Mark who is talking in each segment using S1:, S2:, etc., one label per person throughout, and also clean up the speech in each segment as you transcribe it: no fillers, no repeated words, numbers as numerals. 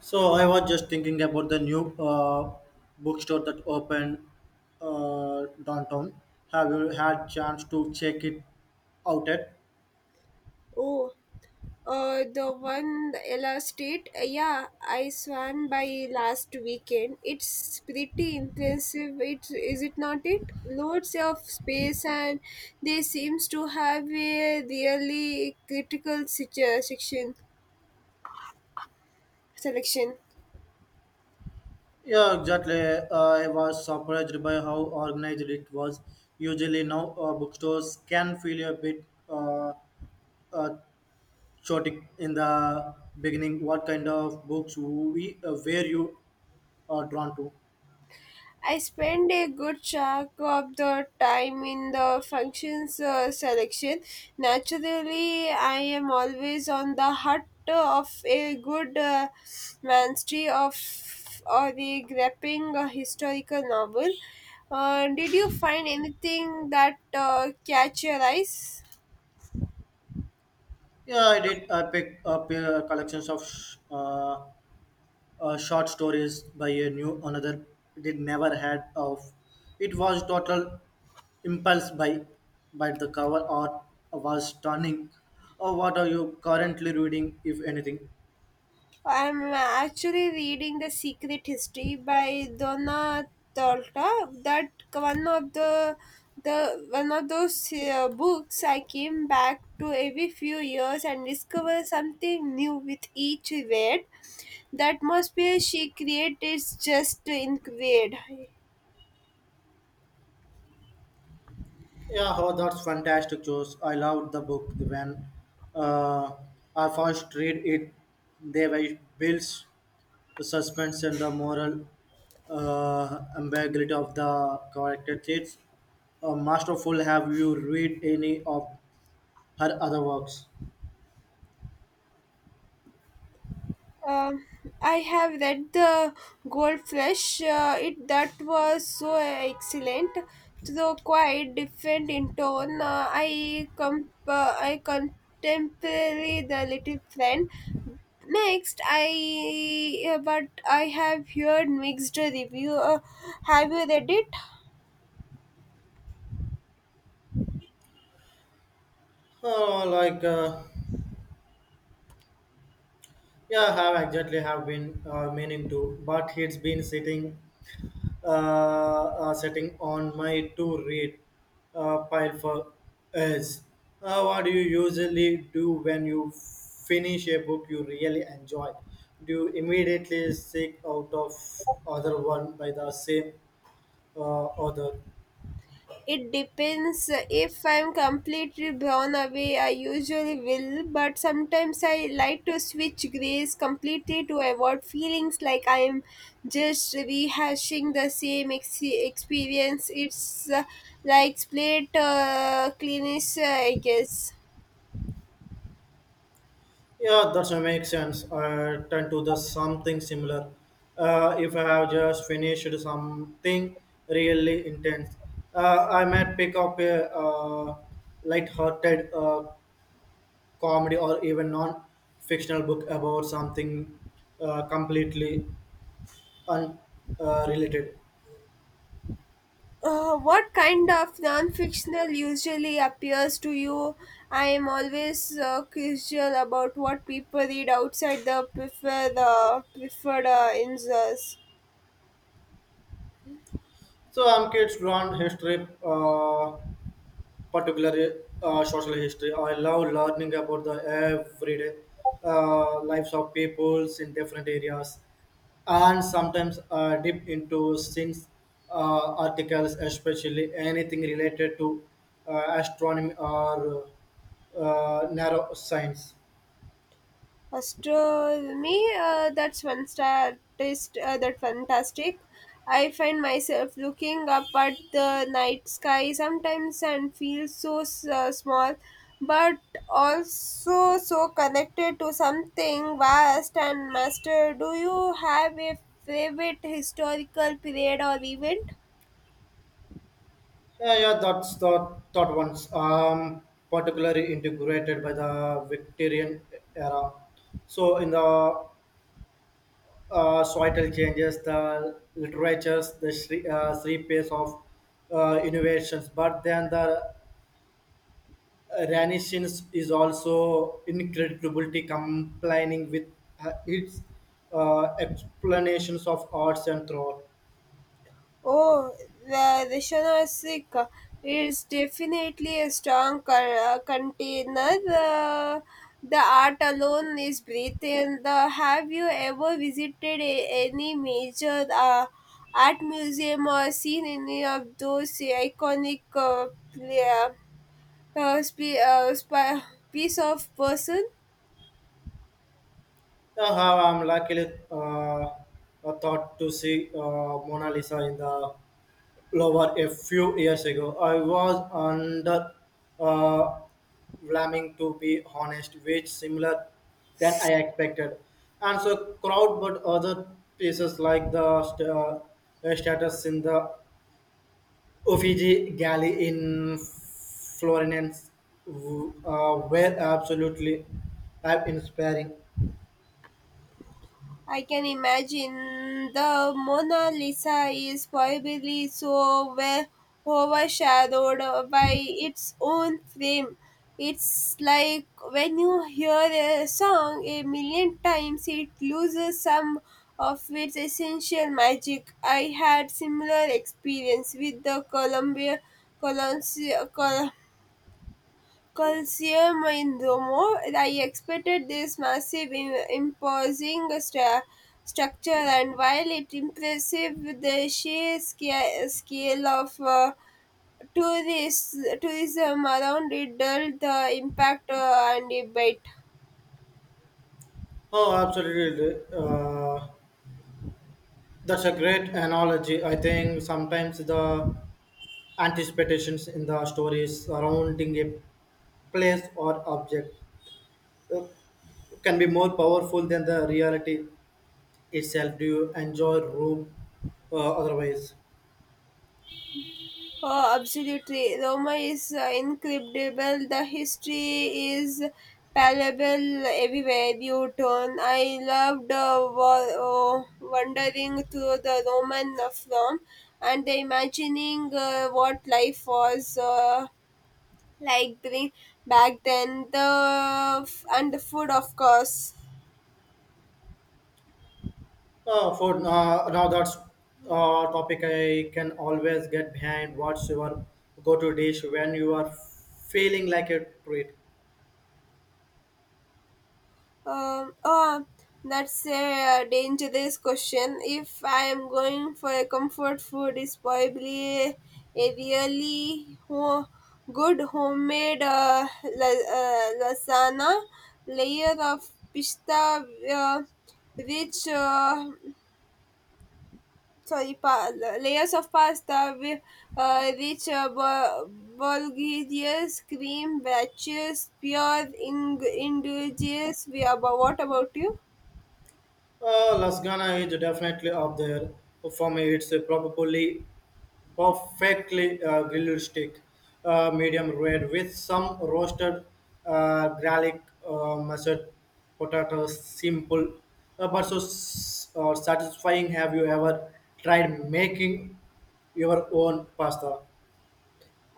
S1: So I was just thinking about the new bookstore that opened downtown. Have you had chance to check it out yet?
S2: Oh, the one the Ella State. Yeah, I swam by last weekend. It's pretty impressive. It is it not? It loads of space, and they seems to have a really section selection.
S1: Yeah, exactly. I was surprised by how organized it was. Usually now bookstores can feel a bit uh, chaotic in the beginning. What kind of books we were you drawn to?
S2: I spend a good chunk of the time in the functions selection. Naturally, I am always on the hunt of a good mastery of or a gripping historical novel. Did you find anything that catch your eyes?
S1: Yeah, I did. I picked up collections of short stories by a new another did never had of. It was total impulse by the cover art was stunning. Oh, what are you currently reading, if anything?
S2: I'm actually reading The Secret History by Donna Torta. That one of The one of those books I came back to every few years and discover something new with each read. The atmosphere she created is just incredible.
S1: Yeah, oh, that's fantastic, Josh. I loved the book when uh, I first read it. They were builds the suspense and the moral ambiguity of the character traits. Masterful, have you read any of her other works.
S2: Uh, I have read the Goldfish. It that was so excellent, though quite different in tone. I contemporary the little friend. Next, I but I have heard mixed review. Have you read it?
S1: Uh, like, uh, yeah, have exactly have been meaning to, but it's been sitting on my to read pile for years. What do you usually do when you finish a book you really enjoy? Do you immediately seek out of other one by the same author?
S2: It depends. If I'm completely blown away, I usually will, but sometimes I like to switch grays completely to avoid feelings like I'm just rehashing the experience. It's like split cleanish, I guess.
S1: Yeah, that makes sense. I tend to the something similar. If I have just finished something really intense, I might pick up a light-hearted comedy or even non-fictional book about something completely unrelated. Related.
S2: What kind of non-fictional usually appeals to you? I am always curious about what people read outside the preferred inserts.
S1: So I'm kids drawn history. Particular social history. I love learning about the everyday lives of peoples in different areas, and sometimes dip into since articles, especially anything related to astronomy or neuroscience.
S2: Astronomy, that fantastic. I find myself looking up at the night sky sometimes and feel so small, but also so connected to something vast and master. Do you have a favorite historical period or event?
S1: Yeah, yeah, that's the third ones. Particularly integrated by the Victorian era. So in the societal changes, the literatures, the three pace of innovations. But then the Renaissance is also incredibly complaining with its explanations of arts and thought.
S2: Oh, the Rishana Sikh is definitely a strong container. The art alone is breathing. The, have you ever visited a, any major art museum or seen any of those iconic pla- piece of person?
S1: How I'm luckily thought to see Mona Lisa in the Louvre a few years ago. I was under uh, Vlaming to be honest, which similar than I expected. And so crowd, but other pieces like the status in the Uffizi Gallery in Florence were absolutely awe inspiring.
S2: I can imagine the Mona Lisa is probably so well overshadowed by its own frame. It's like when you hear a song a million times, it loses some of its essential magic. I had similar experience with the Columbia colons col. Coliseum in Rome. I expected this massive, imposing structure, and while it impressive the sheer scale of tourists, tourism around it, dulled the impact and debate.
S1: Oh, absolutely. That's a great analogy. I think sometimes the anticipations in the stories surrounding a place or object uh, can be more powerful than the reality itself. Do you enjoy room otherwise?
S2: Oh, absolutely. Roma is incredible. The history is palpable everywhere you turn. I loved wandering through the Roman from and imagining what life was like during back then. And the food, of course.
S1: For now, that's topic I can always get behind. What's your go-to dish when you are feeling like a treat?
S2: Oh, that's a dangerous question. If I am going for a comfort food, is probably a really good homemade lasagna, layer of pista, uh, rich sorry, layers of pasta with rich bulgarious cream batches, pure ingredients. We about What about you?
S1: Lasagna is definitely up there for me. It's a probably perfectly grilled steak, medium red with some roasted garlic, mashed potatoes. Simple, but so satisfying. Have you ever tried making your own pasta?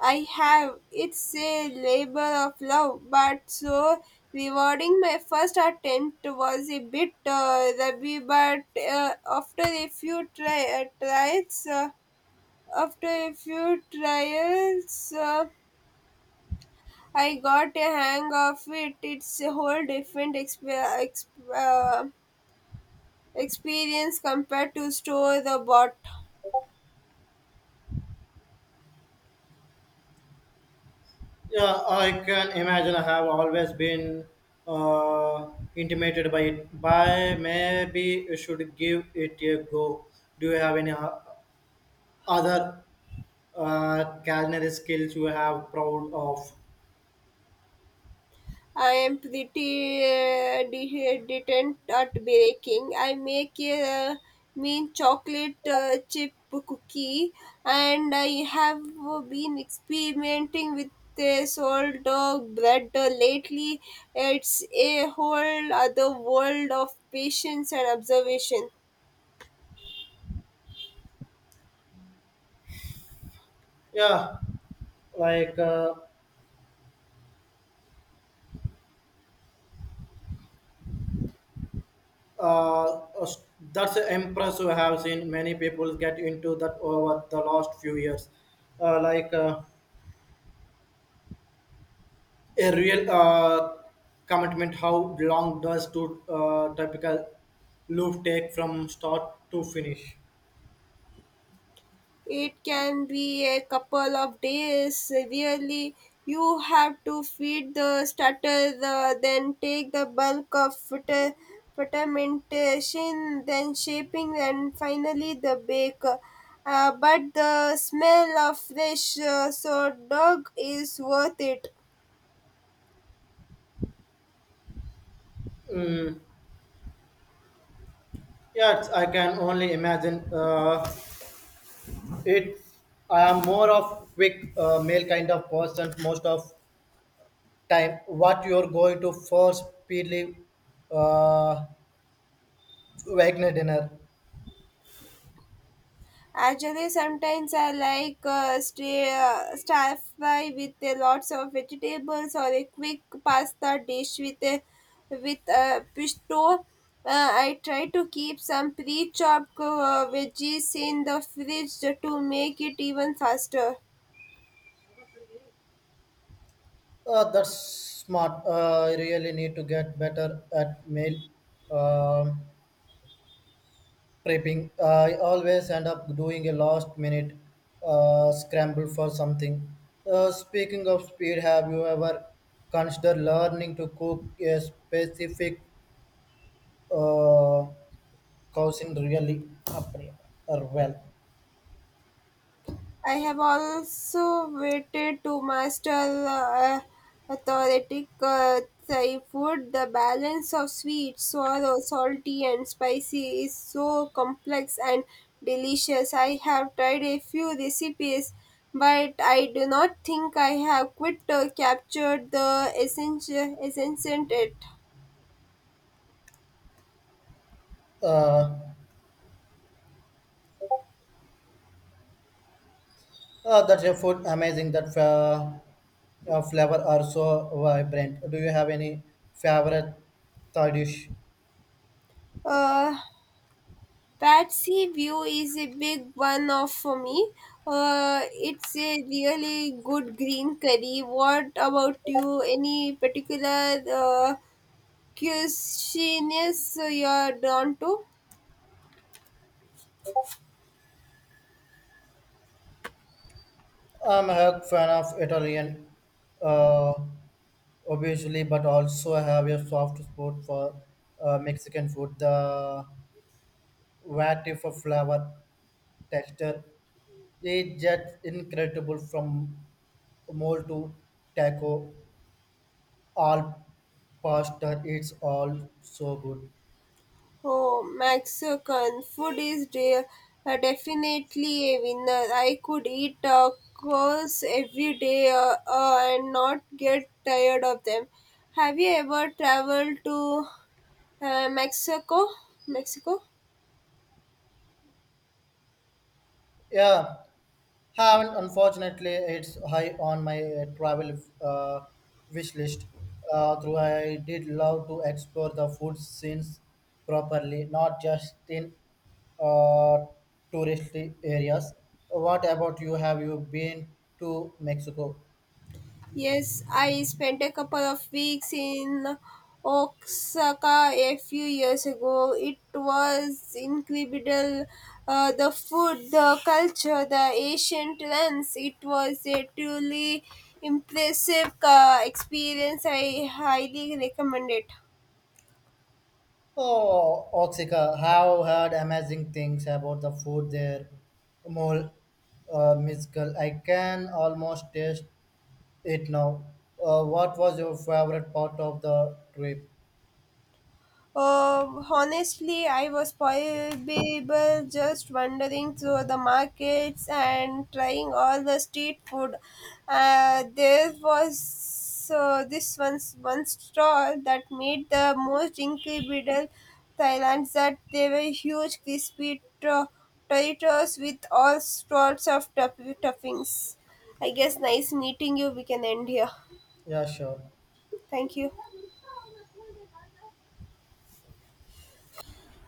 S2: I have. It's a labor of love, but so rewarding. My first attempt was a bit rubby, but uh, after a few tri- uh, tries, uh, after a few trials, I got a hang of it. It's a whole different experience compared to store the bottle.
S1: Yeah, I can imagine. I have always been uh, intimated by it. By maybe you should give it a go. Do you have any other culinary skills you have proud of?
S2: I am pretty detent at baking. I make a mean chocolate chip cookie, and I have been experimenting with the sourdough bread lately. It's a whole other world of patience and observation.
S1: Yeah, like uh, uh, s- that's impressive. I have seen many people get into that over the last few years. Uh, like. Uh, a real commitment. How long does to typical loop take from start to finish?
S2: It can be a couple of days really. You have to feed the starter the, then take the bulk of fermentation, then shaping and finally the bake. But the smell of fresh so dog is worth it.
S1: Yes, I can only imagine. It. I am more of quick male kind of person most of time. What you're going to for speedily uh, Wagner dinner.
S2: Actually, sometimes I like stir fry with lots of vegetables or a quick pasta dish with a pesto. I try to keep some pre-chopped veggies in the fridge to make it even faster.
S1: That's smart. I really need to get better at mail. Um prepping I always end up doing a last minute scramble for something speaking of speed have you ever considered learning to cook a specific uh, cuisine really appre- or well
S2: I have also waited to master authentic Thai food. The balance of sweet, sour, salty, and spicy is so complex and delicious. I have tried a few recipes, but I do not think I have quite captured the essence in it.
S1: uh, that's a food amazing that flavor are so vibrant do you have any favorite thai dish
S2: Uh, Patsy View is a big one of for me. It's a really good green curry. What about you? Any particular cuisines you're drawn to?
S1: I'm a fan of italian uh, obviously, but also have a soft spot for Mexican food. The variety for flavor, texture, it's just incredible from mole to taco, all pasta, it's all so good.
S2: Oh, Mexican food is definitely a winner. I could eat tacos every day and not get tired of them. Have you ever traveled to Mexico? Mexico?
S1: Yeah, haven't. Unfortunately, it's high on my travel wish list. Though I did love to explore the food scenes properly, not just in uh, touristy areas. What about you? Have you been to Mexico?
S2: Yes, I spent a couple of weeks in Osaka a few years ago. It was incredible. The food, the culture, the ancient lands. It was a truly impressive experience. I highly recommend it.
S1: Oh, Oaxaca. Have heard amazing things about the food there. More musical. I can almost taste it now. What was your favorite part of the trip?
S2: Honestly, I was probably just wandering through the markets and trying all the street food. There was this one stall that made the most incredible Thailand that they were huge crispy potatoes with all sorts of toppings. I guess nice meeting you. We can end here.
S1: Yeah, sure.
S2: Thank you.